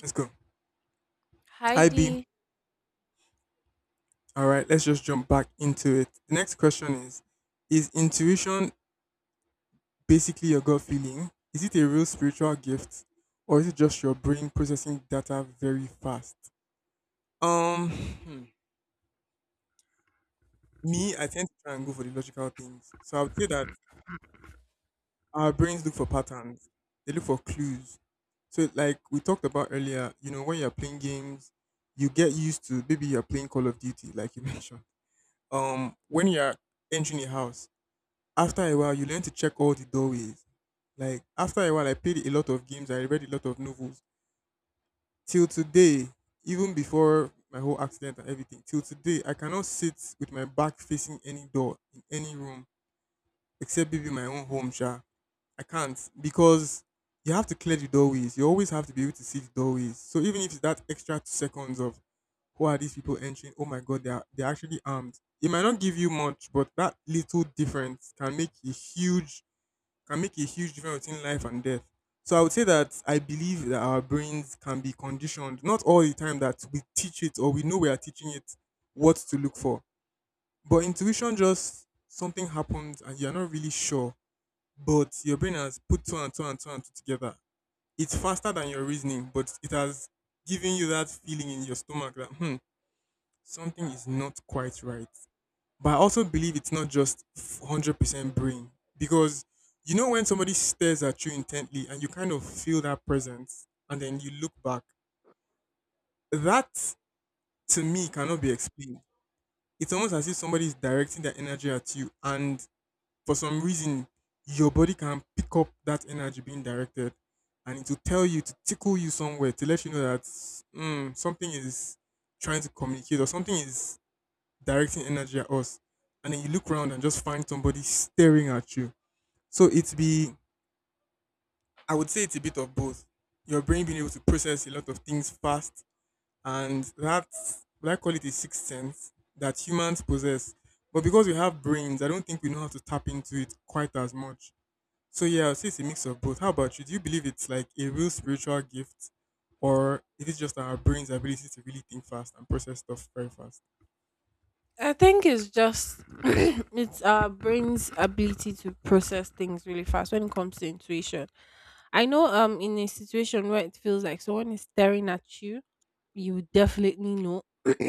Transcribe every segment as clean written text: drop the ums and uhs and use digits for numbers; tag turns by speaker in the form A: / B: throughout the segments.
A: Let's go. Hi B.
B: Heidi,
A: All right, let's just jump back into it. The next question is: is intuition basically your gut feeling? Is it a real spiritual gift, or is it just your brain processing data very fast? Um hmm, me, I tend to try and go for the logical things. So I would say that our brains look for patterns. They look for clues. So like we talked about earlier, you know, when you're playing games, you get used to, maybe you're playing Call of Duty, like you mentioned. When you're entering a house, after a while, you learn to check all the doorways. Like after a while, I played a lot of games. I read a lot of novels. Till today, even before my whole accident and everything, till today, I cannot sit with my back facing any door in any room except maybe my own home. Sha, I can't, because you have to clear the doorways. You always have to be able to see the doorways. So even if it's that extra 2 seconds of who are these people entering? Oh my god, they're actually armed. It might not give you much, but that little difference can make a huge, can make a huge difference between life and death. So I would say that I believe that our brains can be conditioned, not all the time that we teach it or we know we are teaching it what to look for. But intuition, just something happens and you're not really sure, but your brain has put two and two and two and two together. It's faster than your reasoning, but it has given you that feeling in your stomach that, hmm, something is not quite right. But I also believe it's not just 100% brain, because you know when somebody stares at you intently and you kind of feel that presence and then you look back, that, to me, cannot be explained. It's almost as if somebody is directing their energy at you and for some reason your body can pick up that energy being directed, and it will tell you to tickle you somewhere to let you know that, mm, something is trying to communicate or something is directing energy at us, and then you look around and just find somebody staring at you. So I would say it's a bit of both. Your brain being able to process a lot of things fast, and that, what I call it, a sixth sense that humans possess. But because we have brains, I don't think we know how to tap into it quite as much. So yeah, I'll say it's a mix of both. How about you? Do you believe it's like a real spiritual gift, or is it just our brain's ability to really think fast and process stuff very fast?
B: I think it's just, it's our brain's ability to process things really fast when it comes to intuition. I know in a situation where it feels like someone is staring at you, you definitely know.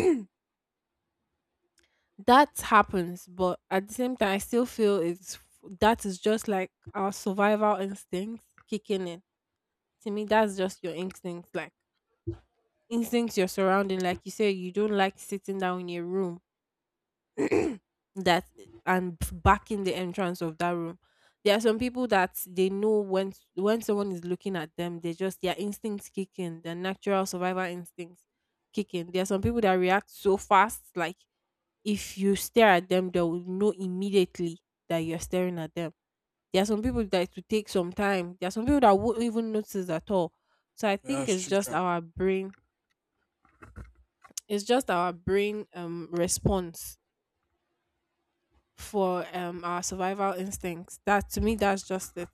B: That happens, but at the same time I still feel it's, that is just like our survival instincts kicking in. To me that's just your instincts, your surrounding. Like you say, you don't like sitting down in your room that and back in the entrance of that room. There are some people that they know when someone is looking at them, they just, their instincts kick in, their natural survival instincts kick in. There are some people that react so fast, like if you stare at them, they will know immediately that you're staring at them. There are some people that it will take some time. There are some people that won't even notice at all. So I
A: Yeah,
B: think
A: that's
B: it's just
A: true.
B: our brain. It's just our brain, response for our survival instincts. That, to me, that's just it.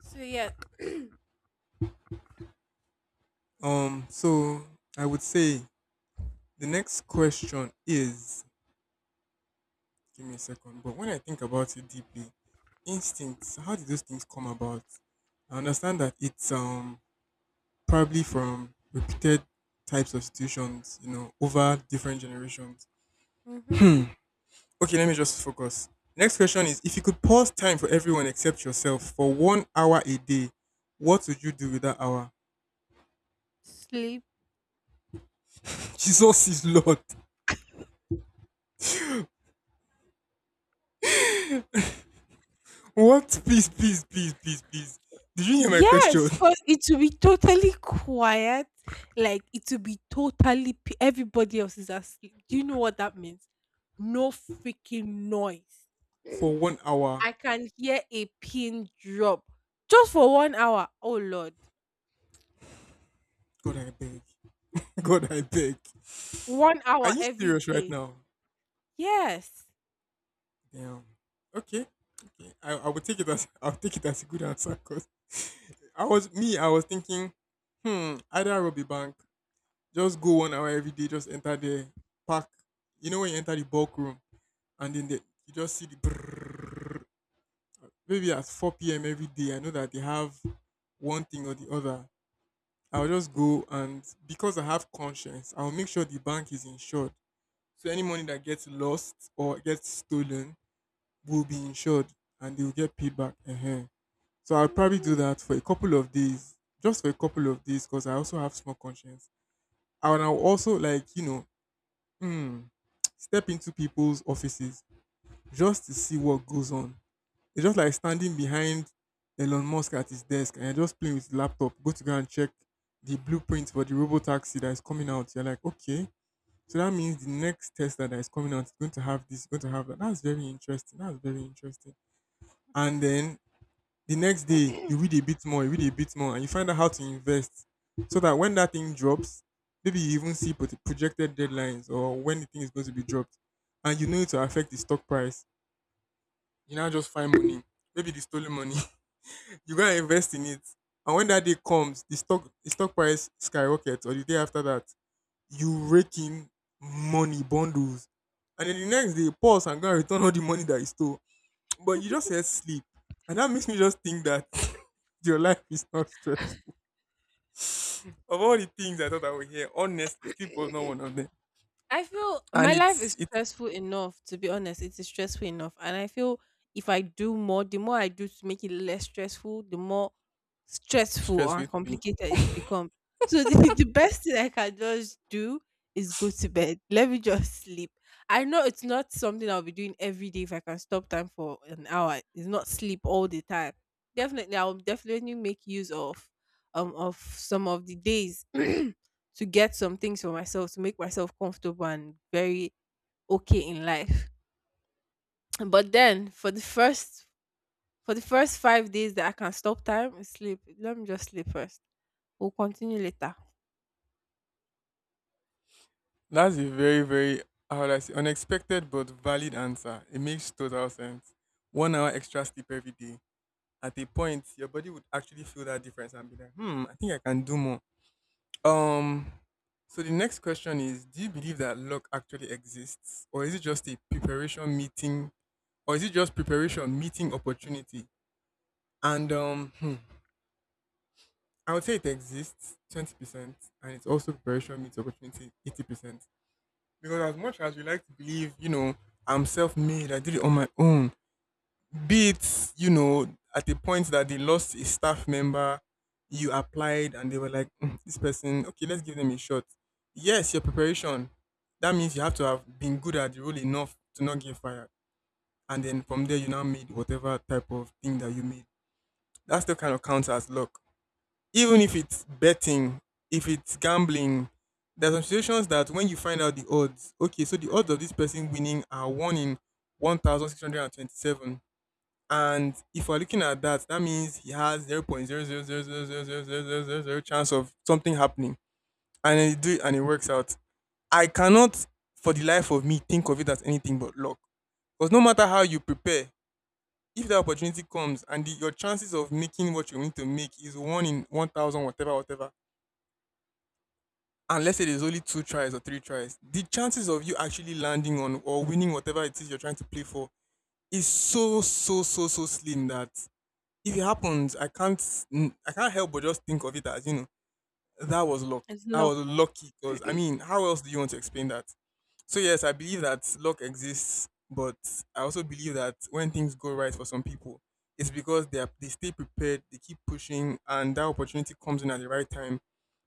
B: So yeah.
A: So I would say the next question is, give me a second, but when I think about it deeply, instincts, how did those things come about? I understand that it's probably from repeated types of situations, you know, over different generations.
B: Mm-hmm.
A: Okay, let me just focus. Next question is, if you could pause time for everyone except yourself for 1 hour a day, what would you do with that hour?
B: Sleep.
A: Jesus is Lord. What? Please, please, please, please, please. Did you hear my
B: Yes,
A: question?
B: because it will be totally quiet. Like it will be totally everybody else is asleep. Do you know what that means? No freaking noise.
A: For 1 hour.
B: I can hear a pin drop just for one hour. Oh Lord,
A: God, I beg. God, I beg.
B: one
A: Are
B: hour
A: you
B: every
A: serious right
B: day.
A: now?
B: Yes.
A: Damn. Okay. Okay. I would take it as I'll take it as a good answer, because I was, me, I was thinking, hmm, either Robbie Bank, just go 1 hour every day, just enter the park. You know when you enter the bulk room and then the, you just see the brrrr. Maybe at four p.m. every day, I know that they have one thing or the other. I'll just go, and because I have conscience, I'll make sure the bank is insured, so any money that gets lost or gets stolen will be insured and they will get paid back. So I'll probably do
B: Mhm.
A: that for a couple of days, just for a couple of days, because I also have small conscience. And I'll also, like, you know, hmm, step into people's offices just to see what goes on. It's just like standing behind Elon Musk at his desk and you're just playing with the laptop, go and check the blueprint for the robo taxi that is coming out. You're like, okay, so that means the next test that is coming out is going to have this, going to have that. That's very interesting. That's very interesting. And then the next day, you read a bit more, you read a bit more, and you find out how to invest. So that when that thing drops, maybe you even see projected deadlines or when the thing is going to be dropped. And you know it will affect the stock price. You now just find money, maybe the stolen money. You go and invest in it. And when that day comes, the stock price skyrockets, or the day after that, you rake in money bundles, and then the next day pause and go and return all the money that you stole. But you just said sleep, and that makes me just think that your life is not stressful. Of all the things I thought I would hear, honestly, sleep was not one of them.
B: I feel
A: and
B: my life
A: it's
B: is
A: it's
B: stressful enough, to be honest. It is stressful enough. And I feel if I do more, the more I do to make it less stressful, the more stressful or
A: stressful to be.
B: complicated it becomes. So the best thing I can just do is go to bed. Let me just sleep. I know it's not something I'll be doing every day if I can stop time for an hour. It's not sleep all the time. Definitely, I'll definitely make use of some of the days to get some things for myself to make myself comfortable and very okay in life. But then for the first 5 days that I can stop time, is sleep. Let me just sleep first. We'll continue later.
A: That's a very, very, how would I say, unexpected but valid answer. It makes total sense. 1 hour extra sleep every day, at a point your body would actually feel that difference and be like, hmm, I think I can do more. Um. So the next question is: Do you believe that luck actually exists, or is it just a preparation meeting, or is it just preparation meeting opportunity? And um, hmm, I would say it exists 20%, and it's also preparation meets opportunity 80%. Because as much as we like to believe, you know, I'm self-made, I did it on my own. Be it, you know, at a point that they lost a staff member, you applied and they were like, "Mm, this person, okay, let's give them a shot." Yes, your preparation. That means you have to have been good at the role enough to not get fired. And then from there, you now made whatever type of thing that you made. That still kind of counts as luck. Even if it's betting, if it's gambling, there's some situations that when you find out the odds, okay, so the odds of this person winning are 1 in 1,627, and if we're looking at that, that means he has 0.0000000000 chance of something happening. And then you do it and it works out. I cannot, for the life of me, think of it as anything but luck. Because no matter how you prepare, if the opportunity comes and your chances of making what you need to make is one in 1,000, whatever, whatever. And let's say there's only two tries or three tries, the chances of you actually landing on or winning whatever it is you're trying to play for is so so so so slim that if it happens, I can't, mm, I can't help but just think of it as, you know, that was luck.
B: It's
A: That was
B: luck.
A: lucky, because I mean, how else do you want to explain that? So yes, I believe that luck exists, but I also believe that when things go right for some people, it's because they stay prepared, they keep pushing, and that opportunity comes in at the right time.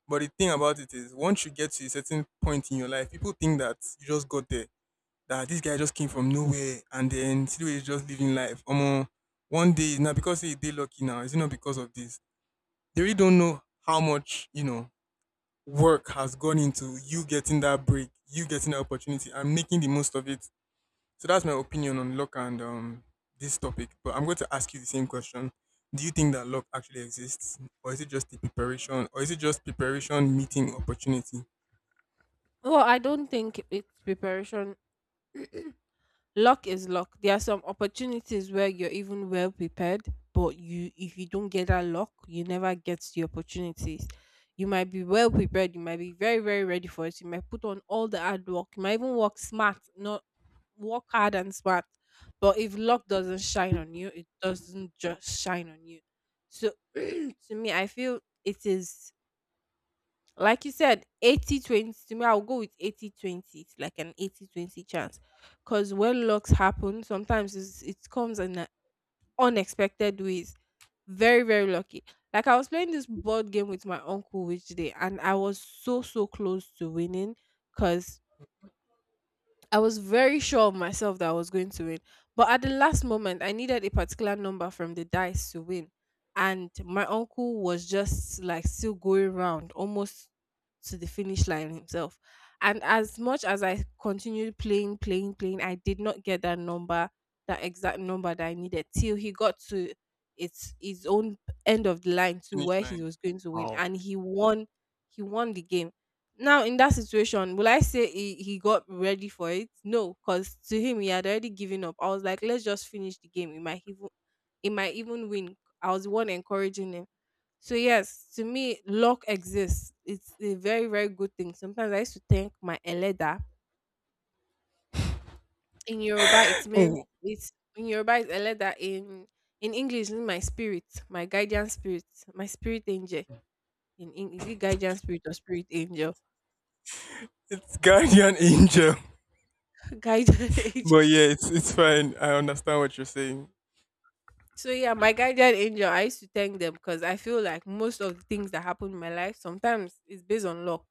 A: But the thing about it is, once you get to a certain point in your life, people think that you just got there, that this guy just came from nowhere and then see is just living life. One day now because he they lucky now, is it not because of this? They really don't know how much, you know, work has gone into you getting that break, you getting the opportunity and making the most of it. So that's my opinion on luck and this topic. But I'm going to ask you the same question. Do you think that luck actually exists? Or is it just the preparation? Or is it just preparation meeting opportunity?
B: Well, I don't think it's preparation. Luck is luck. There are some opportunities where you're even well prepared, but you, if you don't get that luck, you never get the opportunities. You might be well prepared, you might be very, very ready for it. You might put on all the hard work. You might even work smart, not work hard and smart. But if luck doesn't shine on you, it doesn't just shine on you. So to me, I feel it is, like you said, 80/20. To me, I'll go with 80/20. It's like an 80/20 chance. Because when locks happen, sometimes it comes in a unexpected ways. Very, very lucky. Like I was playing this board game with my uncle which day, and I was so, so close to winning because I was very sure of myself that I was going to win. But at the last moment, I needed a particular number from the dice to win. And my uncle was just like still going round almost to the finish line himself. And as much as I continued playing, playing, playing, I did not get that number, that exact number that I needed till he got to its his own end of the line to
A: Finish
B: where he
A: line.
B: was going to win. And he won the game. Now in that situation, will I say he got ready for it? No, because to him he had already given up. I was like, let's just finish the game, it might even, it might even win. I was the one encouraging him. So yes, to me luck exists. It's a very, very good thing. Sometimes I used to thank my eleda. In Yoruba it means,
A: Oh,
B: it's in yoruba it's eleda, in English it's my spirit, my guardian spirit, my spirit angel. In is it guardian spirit or spirit angel?
A: it's guardian angel.
B: Guardian angel.
A: But yeah, it's fine. I understand what you're saying.
B: So yeah, my guardian angel, I used to thank them because I feel like most of the things that happen in my life sometimes is based on luck.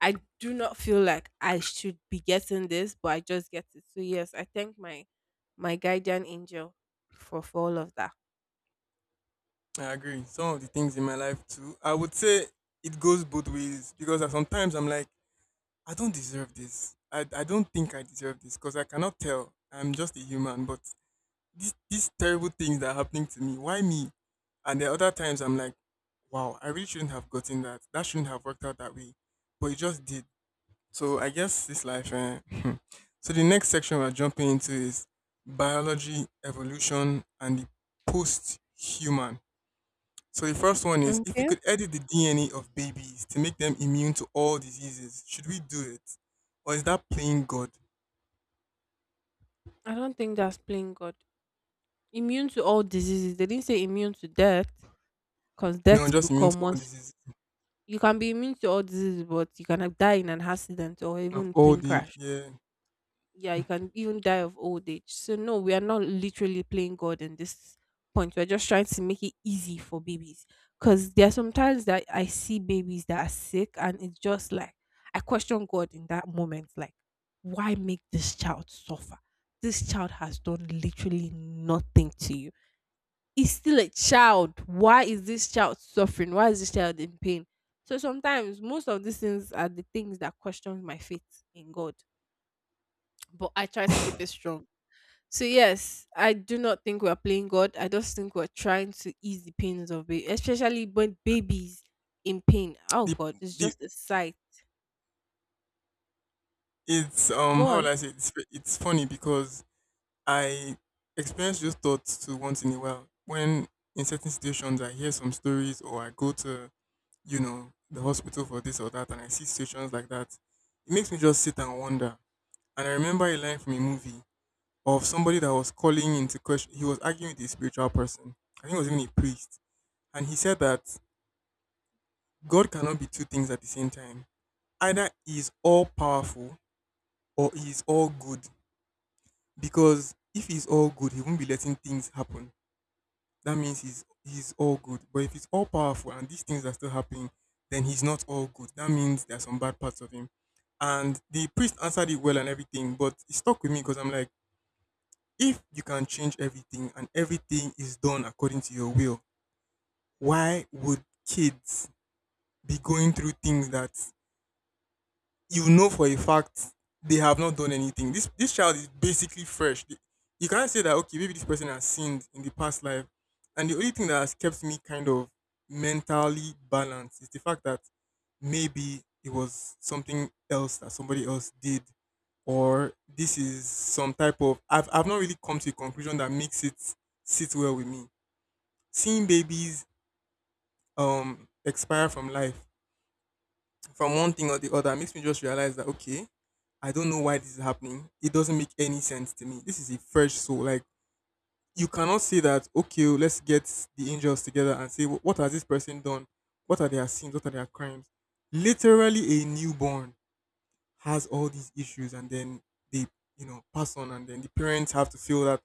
B: I do not feel like I should be getting this, but I just get it. So yes, I thank my, my guardian angel for all of that.
A: I agree. Some of the things in my life too, I would say it goes both ways, because sometimes I'm like, I don't deserve this. I don't think I deserve this because I cannot tell. I'm just a human. But these terrible things that are happening to me, why me? And the other times I'm like, wow, I really shouldn't have gotten that. That shouldn't have worked out that way. But it just did. So I guess this life. Eh, so the next section we're jumping into is biology, evolution, and the post-human. So the first one is if you
B: Okay.
A: could edit the DNA of babies to make them immune to all diseases, should we do it, or is that playing God?
B: I don't think that's playing God. Immune to all diseases. They didn't say immune to death, because
A: No,
B: death will
A: just immune to
B: come
A: all
B: once.
A: diseases
B: You can be immune to all diseases, but you can die in an accident or
A: of
B: even plane
A: old age.
B: crash.
A: Yeah,
B: Yeah, you can even die of old age. So no, we are not literally playing God in this point. We're just trying to make it easy for babies. Cause there are sometimes that I see babies that are sick and it's just like, I question God in that moment, like, why make this child suffer? This child has done literally nothing to you. He's still a child. Why is this child suffering? Why is this child in pain? So sometimes most of these things are the things that question my faith in God, but I try to keep it strong. So yes, I do not think we're playing God. I just think we're trying to ease the pains of it, especially when babies in pain. Oh
A: the,
B: God, it's
A: the
B: just a sight.
A: it's
B: Go
A: how will
B: on.
A: I say it? It's funny because I experience those thoughts too once in a while. When in certain situations I hear some stories or I go to, the hospital for this or that and I see situations like that, it makes me just sit and wonder. And I remember a line from a movie of somebody that was calling into question he was arguing with a spiritual person. I think it was even a priest. And he said that God cannot be two things at the same time. Either he is all powerful or he is all good. Because if he is all good, he won't be letting things happen that means he's all good. But if he's all powerful and these things are still happening, then he's not all good. That means there are some bad parts of him. And the priest answered it well and everything, but it stuck with me because I'm like, if you can change everything and everything is done according to your will, why would kids be going through things that you know for a fact they have not done anything. This child is basically fresh. You can't say that okay, maybe this person has sinned in the past life, and the only thing that has kept me kind of mentally balanced is the fact that maybe it was something else that somebody else did, or this is some type of I've not really come to a conclusion that makes it sit well with me. Seeing babies expire from life from one thing or the other makes me just realize that okay, I don't know why this is happening. It doesn't make any sense to me. This is a fresh soul. Like you cannot say that okay, let's get the angels together and say What has this person done? What are their sins? What are their crimes?" Literally, a newborn has all these issues, and then they pass on, and then the parents have to feel that.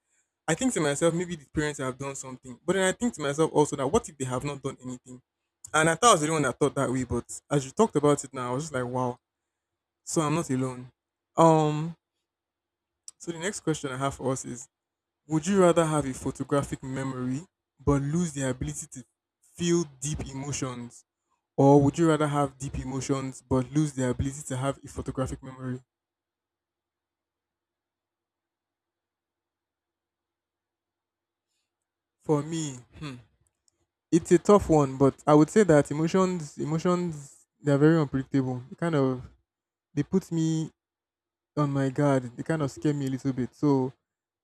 A: I think to myself, maybe the parents have done something, but then I think to myself also that what if they have not done anything? And I thought I was the only one that thought that way, but as you talked about it now, I was just like, wow, so I'm not alone. Um, so the next question I have for us is would you rather have a photographic memory but lose the ability to feel deep emotions? Or would you rather have deep emotions but lose the ability to have a photographic memory? For me, hmm, it's a tough one, but I would say that emotions, they are very unpredictable. They kind of they put me on my guard. They kind of scare me a little bit. So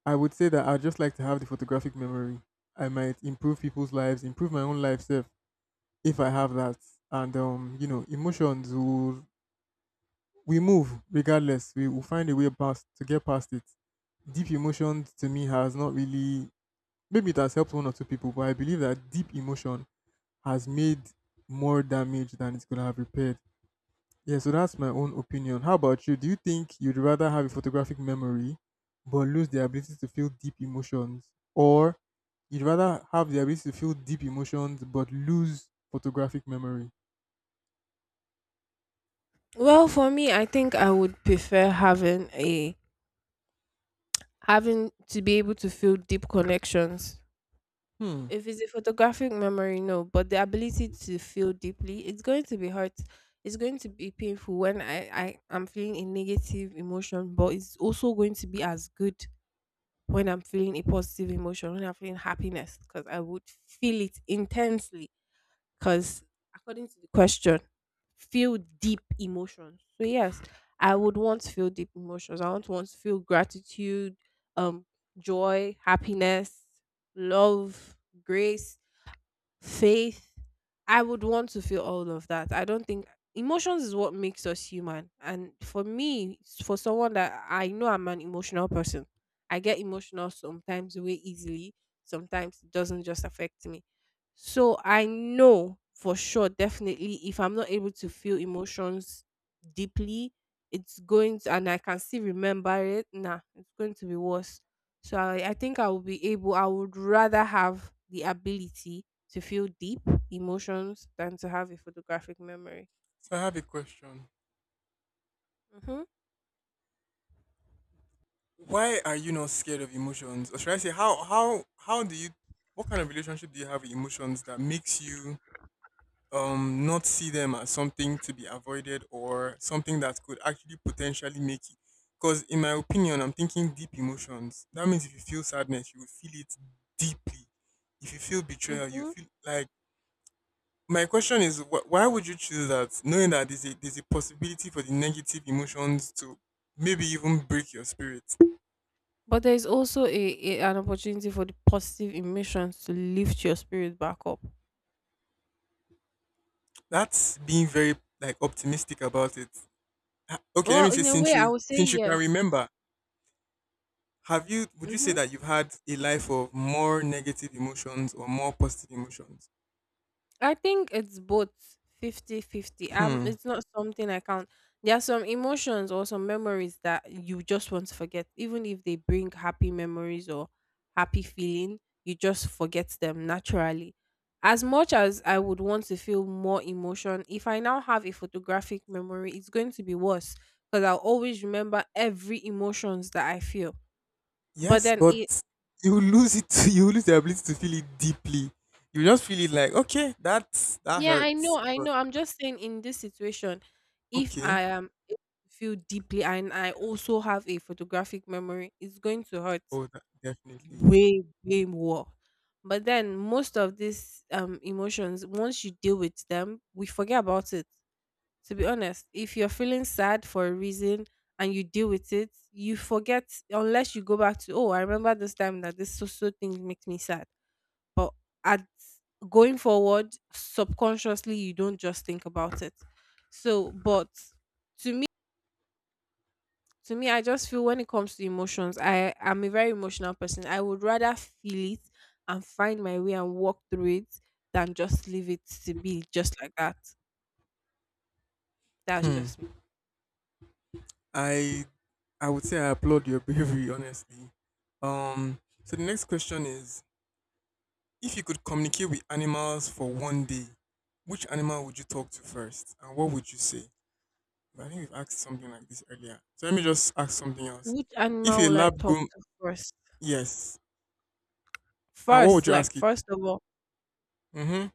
A: I would say that I'd just like to have the photographic memory. I might improve people's lives, improve my own life self if I have that. And you know, emotions will we move regardless. We will find a way past to get past it. Deep emotions to me has not really maybe it has helped one or two people, but I believe that deep emotion has made more damage than it's gonna have repaired. Yeah, so that's my own opinion. How about you? Do you think you'd rather have a photographic memory but lose the ability to feel deep emotions, or you'd rather have the ability to feel deep emotions but lose photographic memory?
B: Well, for me, I think I would prefer having a, having to be able to feel deep connections.
A: Hmm.
B: If it's a photographic memory, no, but the ability to feel deeply, it's going to be hurt. It's going to be painful when I am feeling a negative emotion, but it's also going to be as good when I'm feeling a positive emotion, when I'm feeling happiness, because I would feel it intensely. Because according to the question, feel deep emotions. So yes, I would want to feel deep emotions. I want to feel gratitude, um, joy, happiness, love, grace, faith. I would want to feel all of that. I don't think emotions is what makes us human. And for me, for someone that I know, I'm an emotional person. I get emotional sometimes way easily, sometimes it doesn't just affect me. So I know for sure, definitely, if I'm not able to feel emotions deeply, it's going to, and I can still remember it, nah, it's going to be worse. So I think I will be able, I would rather have the ability to feel deep emotions than to have a photographic memory.
A: So I have a question.
B: Hmm.
A: Why are you not scared of emotions? Or should I say how do you what kind of relationship do you have with emotions that makes you not see them as something to be avoided or something that could actually potentially make it? Because in my opinion, I'm thinking deep emotions. That means if you feel sadness, you will feel it deeply. If you feel betrayal, you
B: Mm-hmm.
A: feel like my question is, why would you choose that, knowing that there's a possibility for the negative emotions to maybe even break your spirit?
B: But there is also a an opportunity for the positive emotions to lift your spirit back up.
A: That's being very like optimistic about it. Okay, let me
B: Well,
A: say
B: in a
A: since
B: way, I
A: you
B: would say
A: since you can
B: yes.
A: remember, have you would you say
B: Mm-hmm.
A: that you've had a life of more negative emotions or more positive emotions?
B: I think it's both fifty-fifty.
A: Hmm.
B: It's not something I count. There are some emotions or some memories that you just want to forget, even if they bring happy memories or happy feeling. You just forget them naturally. As much as I would want to feel more emotion, if I now have a photographic memory, it's going to be worse because I'll always remember every emotions that I feel. But
A: Yes,
B: then,
A: but you will lose it. You will lose the ability to feel it deeply. You just feel it like okay, that's that
B: yeah, I know,
A: hurts,
B: I
A: but
B: know. I'm just saying in this situation, if
A: okay,
B: I am able to feel deeply and I also have a photographic memory, it's going to hurt
A: oh, that definitely.
B: way, way more. But then most of these emotions, once you deal with them, we forget about it. To be honest, if you're feeling sad for a reason and you deal with it, you forget unless you go back to, oh, I remember this time that this so so thing makes me sad, but at, going forward, subconsciously you don't just think about it. So, but to me, I just feel when it comes to emotions, I am a very emotional person. I would rather feel it and find my way and walk through it than just leave it to be just like that. That's just
A: Hmm.
B: me.
A: I I would say I applaud your bravery, honestly. Um, so the next question is: if you could communicate with animals for one day, which animal would you talk to first, and what would you say? But I think we've asked something like this earlier. So let me just ask something else.
B: Which
A: If
B: animal
A: a
B: would I
A: lab
B: talk
A: go,
B: to first?
A: yes, and what would
B: First,
A: you
B: like
A: ask it?
B: first of all.
A: Mm-hmm.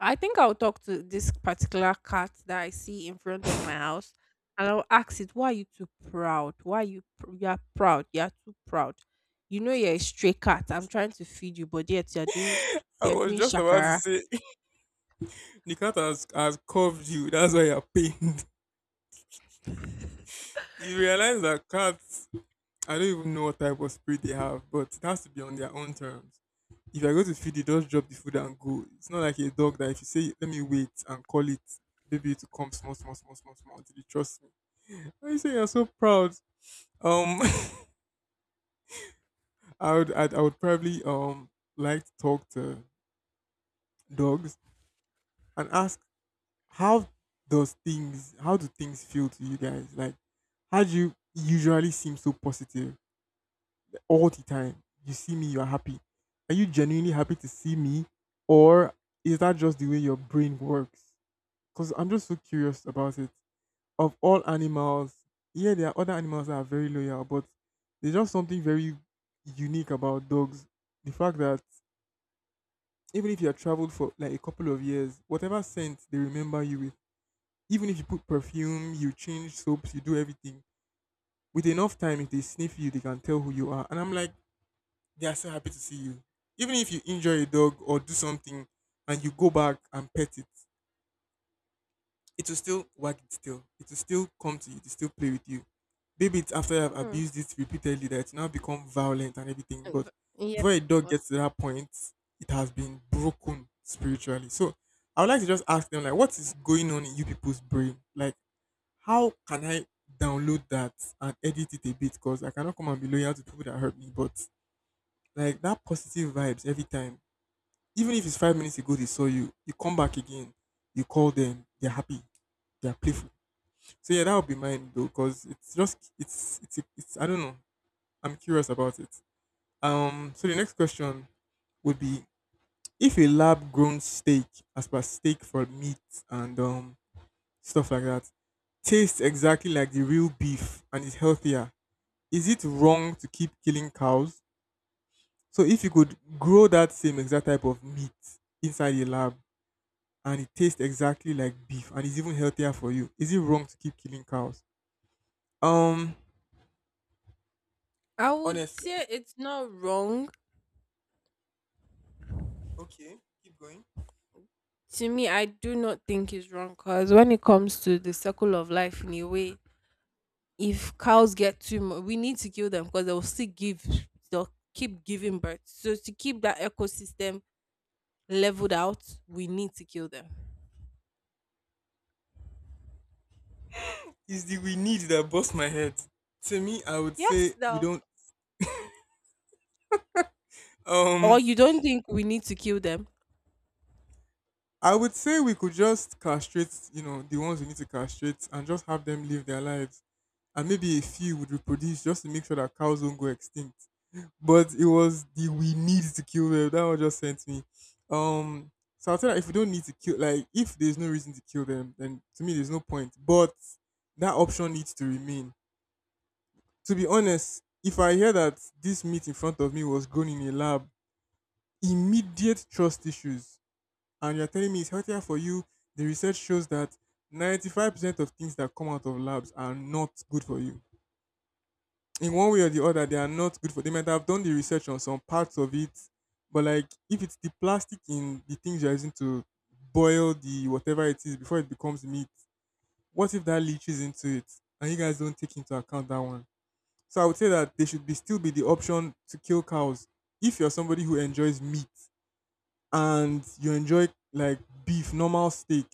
B: I think I'll talk to this particular cat that I see in front of my house and I'll ask it, why are you too proud? Why are you you are proud? You are too proud. You know you're a stray cat. I'm trying to feed you, but yet
A: I
B: you're
A: was
B: doing
A: just about to
B: shakara.
A: say. The cat has, curved you. That's why you're pained. You realize that cats, I don't even know what type of spirit they have, but it has to be on their own terms. If I go to feed, it just drop the food and go. It's not like a dog that if you say let me wait and call it, maybe it will come small, small, small, small, small until it trusts me. Why you say you're so proud? Um, I would probably like to talk to dogs and ask how how do things feel to you guys? Like, how do you usually seem so positive all the time? You see me, you are happy. Are you genuinely happy to see me, or is that just the way your brain works? Because I'm just so curious about it. Of all animals, yeah, there are other animals that are very loyal, but there's just something very unique about dogs. The fact that even if you have traveled for like a couple of years, whatever scent they remember you with, even if you put perfume, you change soaps, you do everything, with enough time, if they sniff you, they can tell who you are. And I'm like, they are so happy to see you. Even if you injure a dog or do something and you go back and pet it, it will still wag its tail. It will still come to you. It will still play with you. Maybe it's after you have
B: Mm.
A: abused it repeatedly that it's now become violent and everything.
B: And
A: But
B: v- Yeah.
A: before a dog
B: was-
A: gets to that point, it has been broken spiritually. So I would like to just ask them, like, what is going on in you people's brain? Like, how can I download that and edit it a bit? Because I cannot come and be loyal to people that hurt me. But like that positive vibes every time. Even if it's 5 minutes ago they saw you, you come back again, you call them, they're happy, they're playful so yeah, that would be mine though, because it's just it's I don't know. I'm curious about it. So the next question would be if a lab grown steak, as per steak for meat and stuff like that, tastes exactly like the real beef and is healthier, is it wrong to keep killing cows? So if you could grow that same exact type of meat inside a lab and it tastes exactly like beef and is even healthier for you, is it wrong to keep killing cows? Um,
B: I would
A: honestly,
B: say it's not wrong.
A: okay, keep going.
B: To me, I do not think it's wrong because when it comes to the circle of life in a way, if cows get too much, we need to kill them because they'll keep giving birth. So to keep that ecosystem leveled out, we need to kill them.
A: It's the we need that bust my head. To me, I would
B: Yes,
A: say we
B: though.
A: don't.
B: Or
A: Um,
B: you don't think we need to kill them?
A: I would say we could just castrate, you know, the ones we need to castrate, and just have them live their lives, and maybe a few would reproduce just to make sure that cows don't go extinct. But it was the we need to kill them that one just sent me. Um, so I feel like if we don't need to kill, like if there's no reason to kill them, then to me there's no point. But that option needs to remain. To be honest, if I hear that this meat in front of me was grown in a lab, immediate trust issues. And you're telling me it's healthier for you. The research shows that 95% of things that come out of labs are not good for you. In one way or the other, they are not good for. They might have done the research on some parts of it, but like if it's the plastic in the things you're using to boil the whatever it is before it becomes meat, what if that leaches into it? And you guys don't take into account that one. So I would say that there should be still be the option to kill cows. If you're somebody who enjoys meat and you enjoy like beef, normal steak,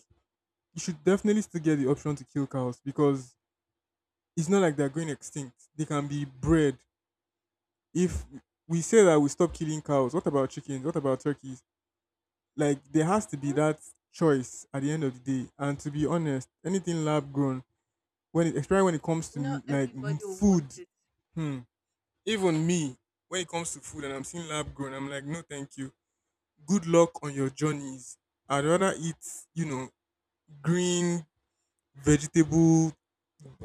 A: you should definitely still get the option to kill cows because it's not like they're going extinct. They can be bred. If we say that we stop killing cows, what about chickens? What about turkeys? Like there has to be
B: Mhm.
A: that choice at the end of the day. And to be honest, anything lab grown, when it especially when it comes
B: Not
A: to like
B: everybody will
A: food,
B: want it.
A: hmm, even me, when it comes to food and I'm seeing lab grown, I'm like, no, thank you. Good luck on your journeys. I'd rather eat, you know, green vegetable,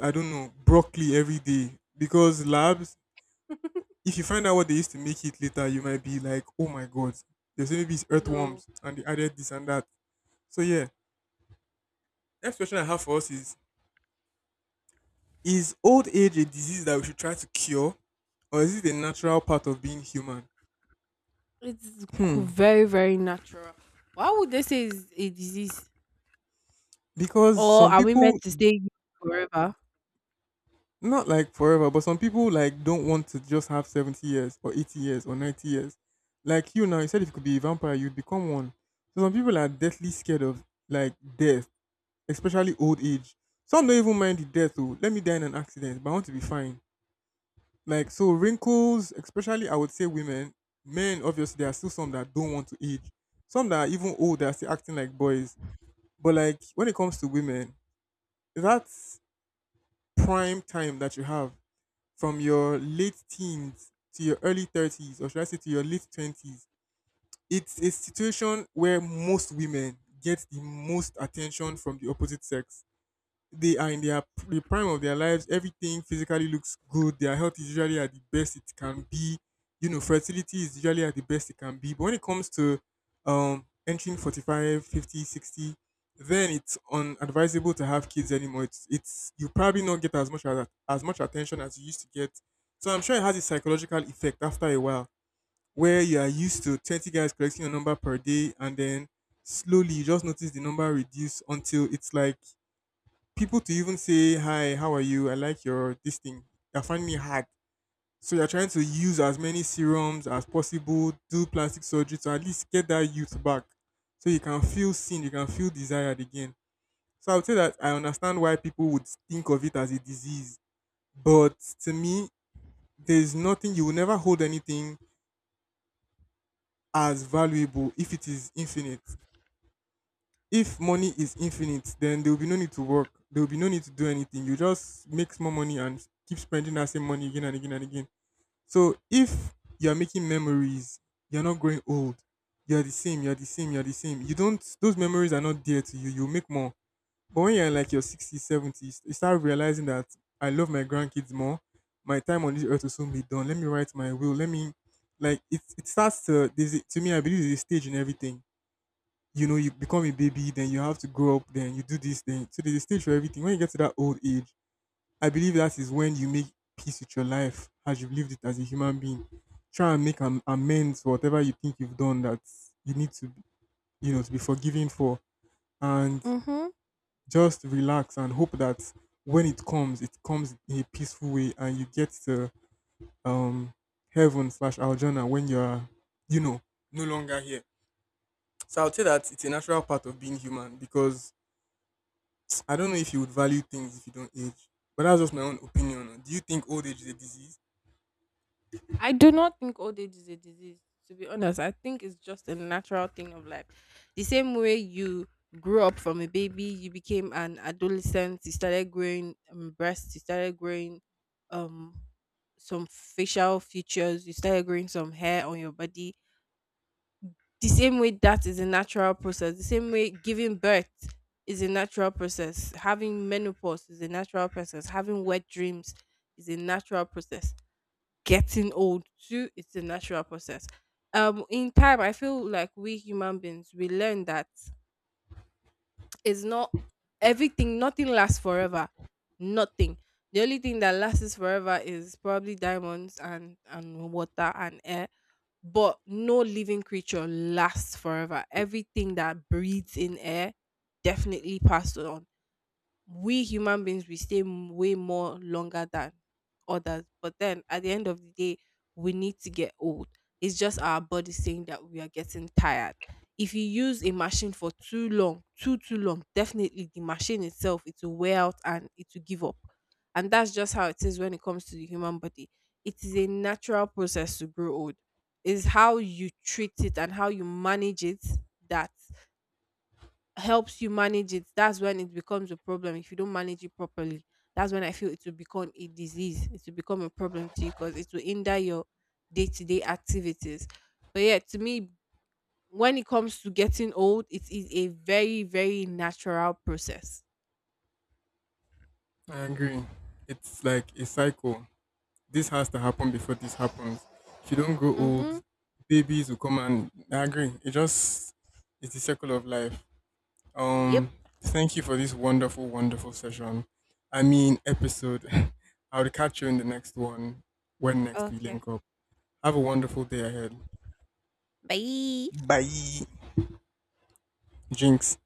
A: I don't know, broccoli every day. Because labs, if you find out what they used to make it later, you might be like, oh my God, they say maybe it's
B: No,
A: earthworms and they added this and that. So yeah, next question I have for us is old age a disease that we should try to cure? Or is it a natural part of being human? Hmm.
B: very, very natural. Why would they say it's a disease?
A: Because
B: Or
A: some
B: are we
A: people.
B: meant to stay forever?
A: Not like forever, but some people like don't want to just have 70 years or 80 years or 90 years. Like you now, you said if you could be a vampire, you'd become one. So some people are deathly scared of like death, especially old age. Some don't even mind the death. Oh, let me die in an accident, but I want to be fine. Like so wrinkles, especially I would say women, men obviously there are still some that don't want to age. Some that are even old that are still acting like boys. But like when it comes to women, that's prime time that you have from your late teens to your early 30s, or should I say to your late 20s, it's a situation where most women get the most attention from the opposite sex. They are in their the prime of their lives. Everything physically looks good. Their health is usually at the best it can be. You know, fertility is usually at the best it can be. But when it comes to entering 45, 50, 60, then it's unadvisable to have kids anymore. It's you probably not get as much attention as you used to get. So I'm sure it has a psychological effect after a while, where you are used to 20 guys collecting your number per day, and then slowly you just notice the number reduce until it's like people to even say hi, how are you? I like your this thing. They're finding it hard. So you're trying to use as many serums as possible, do plastic surgery to at least get that youth back. So you can feel seen, you can feel desired again. So I would say that I understand why people would think of it as a disease. But to me, there's nothing you will never hold anything as valuable if it is infinite. If money is infinite, then there will be no need to work. There will be no need to do anything. You just make more money and keep spending that same money again and again and again. So if you are making memories, you're not growing old. You're the same, you're the same, you're the same. You don't those memories are not dear to you. You make more. But when you're in like your 60s, 70s, you start realizing that I love my grandkids more. My time on this earth will soon be done. Let me write my will. Let me like it starts to there's a- to me, I believe there's a stage in everything. You know, you become a baby, then you have to grow up, then you do this, then so there's a stage for everything. When you get to that old age, I believe that is when you make peace with your life as you've lived it as a human being. Try and make amends for whatever you think you've done that you need to, you know, to be forgiven for, and
B: Hmm.
A: just relax and hope that when it comes in a peaceful way, and you get to um heaven slash Aljana when you are, you know, no longer here. So I would say that it's a natural part of being human because I don't know if you would value things if you don't age, but that's just my own opinion. Do you think old age is a disease?
B: I do not think old age is a disease. To be honest, I think it's just a natural thing of life. The same way you grew up from a baby, you became an adolescent, you started growing, breasts, you started growing um some facial features, you started growing some hair on your body. The same way, that is a natural process. The same way giving birth is a natural process. Having menopause is a natural process. Having wet dreams is a natural process. Getting old too, it's a natural process. Um, in time I feel like we human beings, we learn that it's not everything, nothing lasts forever. Nothing. The only thing that lasts forever is probably diamonds and water and air. But no living creature lasts forever. Everything that breathes in air definitely passed on. We human beings, we stay way more longer than others, but then at the end of the day, we need to get old. It's just our body saying that we are getting tired. If you use a machine for too long, too long, definitely the machine itself, it will wear out and it will give up. And that's just how it is when it comes to the human body. It is a natural process to grow old. It's how you treat it and how you manage it that helps you manage it. That's when it becomes a problem. If you don't manage it properly, that's when I feel it will become a disease. It will become a problem to you because it will hinder your day to day activities. But yeah, to me, when it comes to getting old, it is a very, very natural process.
A: I agree. It's like a cycle. This has to happen before this happens. If you don't grow old,
B: Mm-hmm.
A: babies will come and I agree. It just it's the circle of life.
B: Yep.
A: Um Thank you for this wonderful, wonderful session. I mean episode. I'll catch you in the next one when next we
B: Okay.
A: link up. Have a wonderful day ahead.
B: Bye.
A: Bye. Jinx.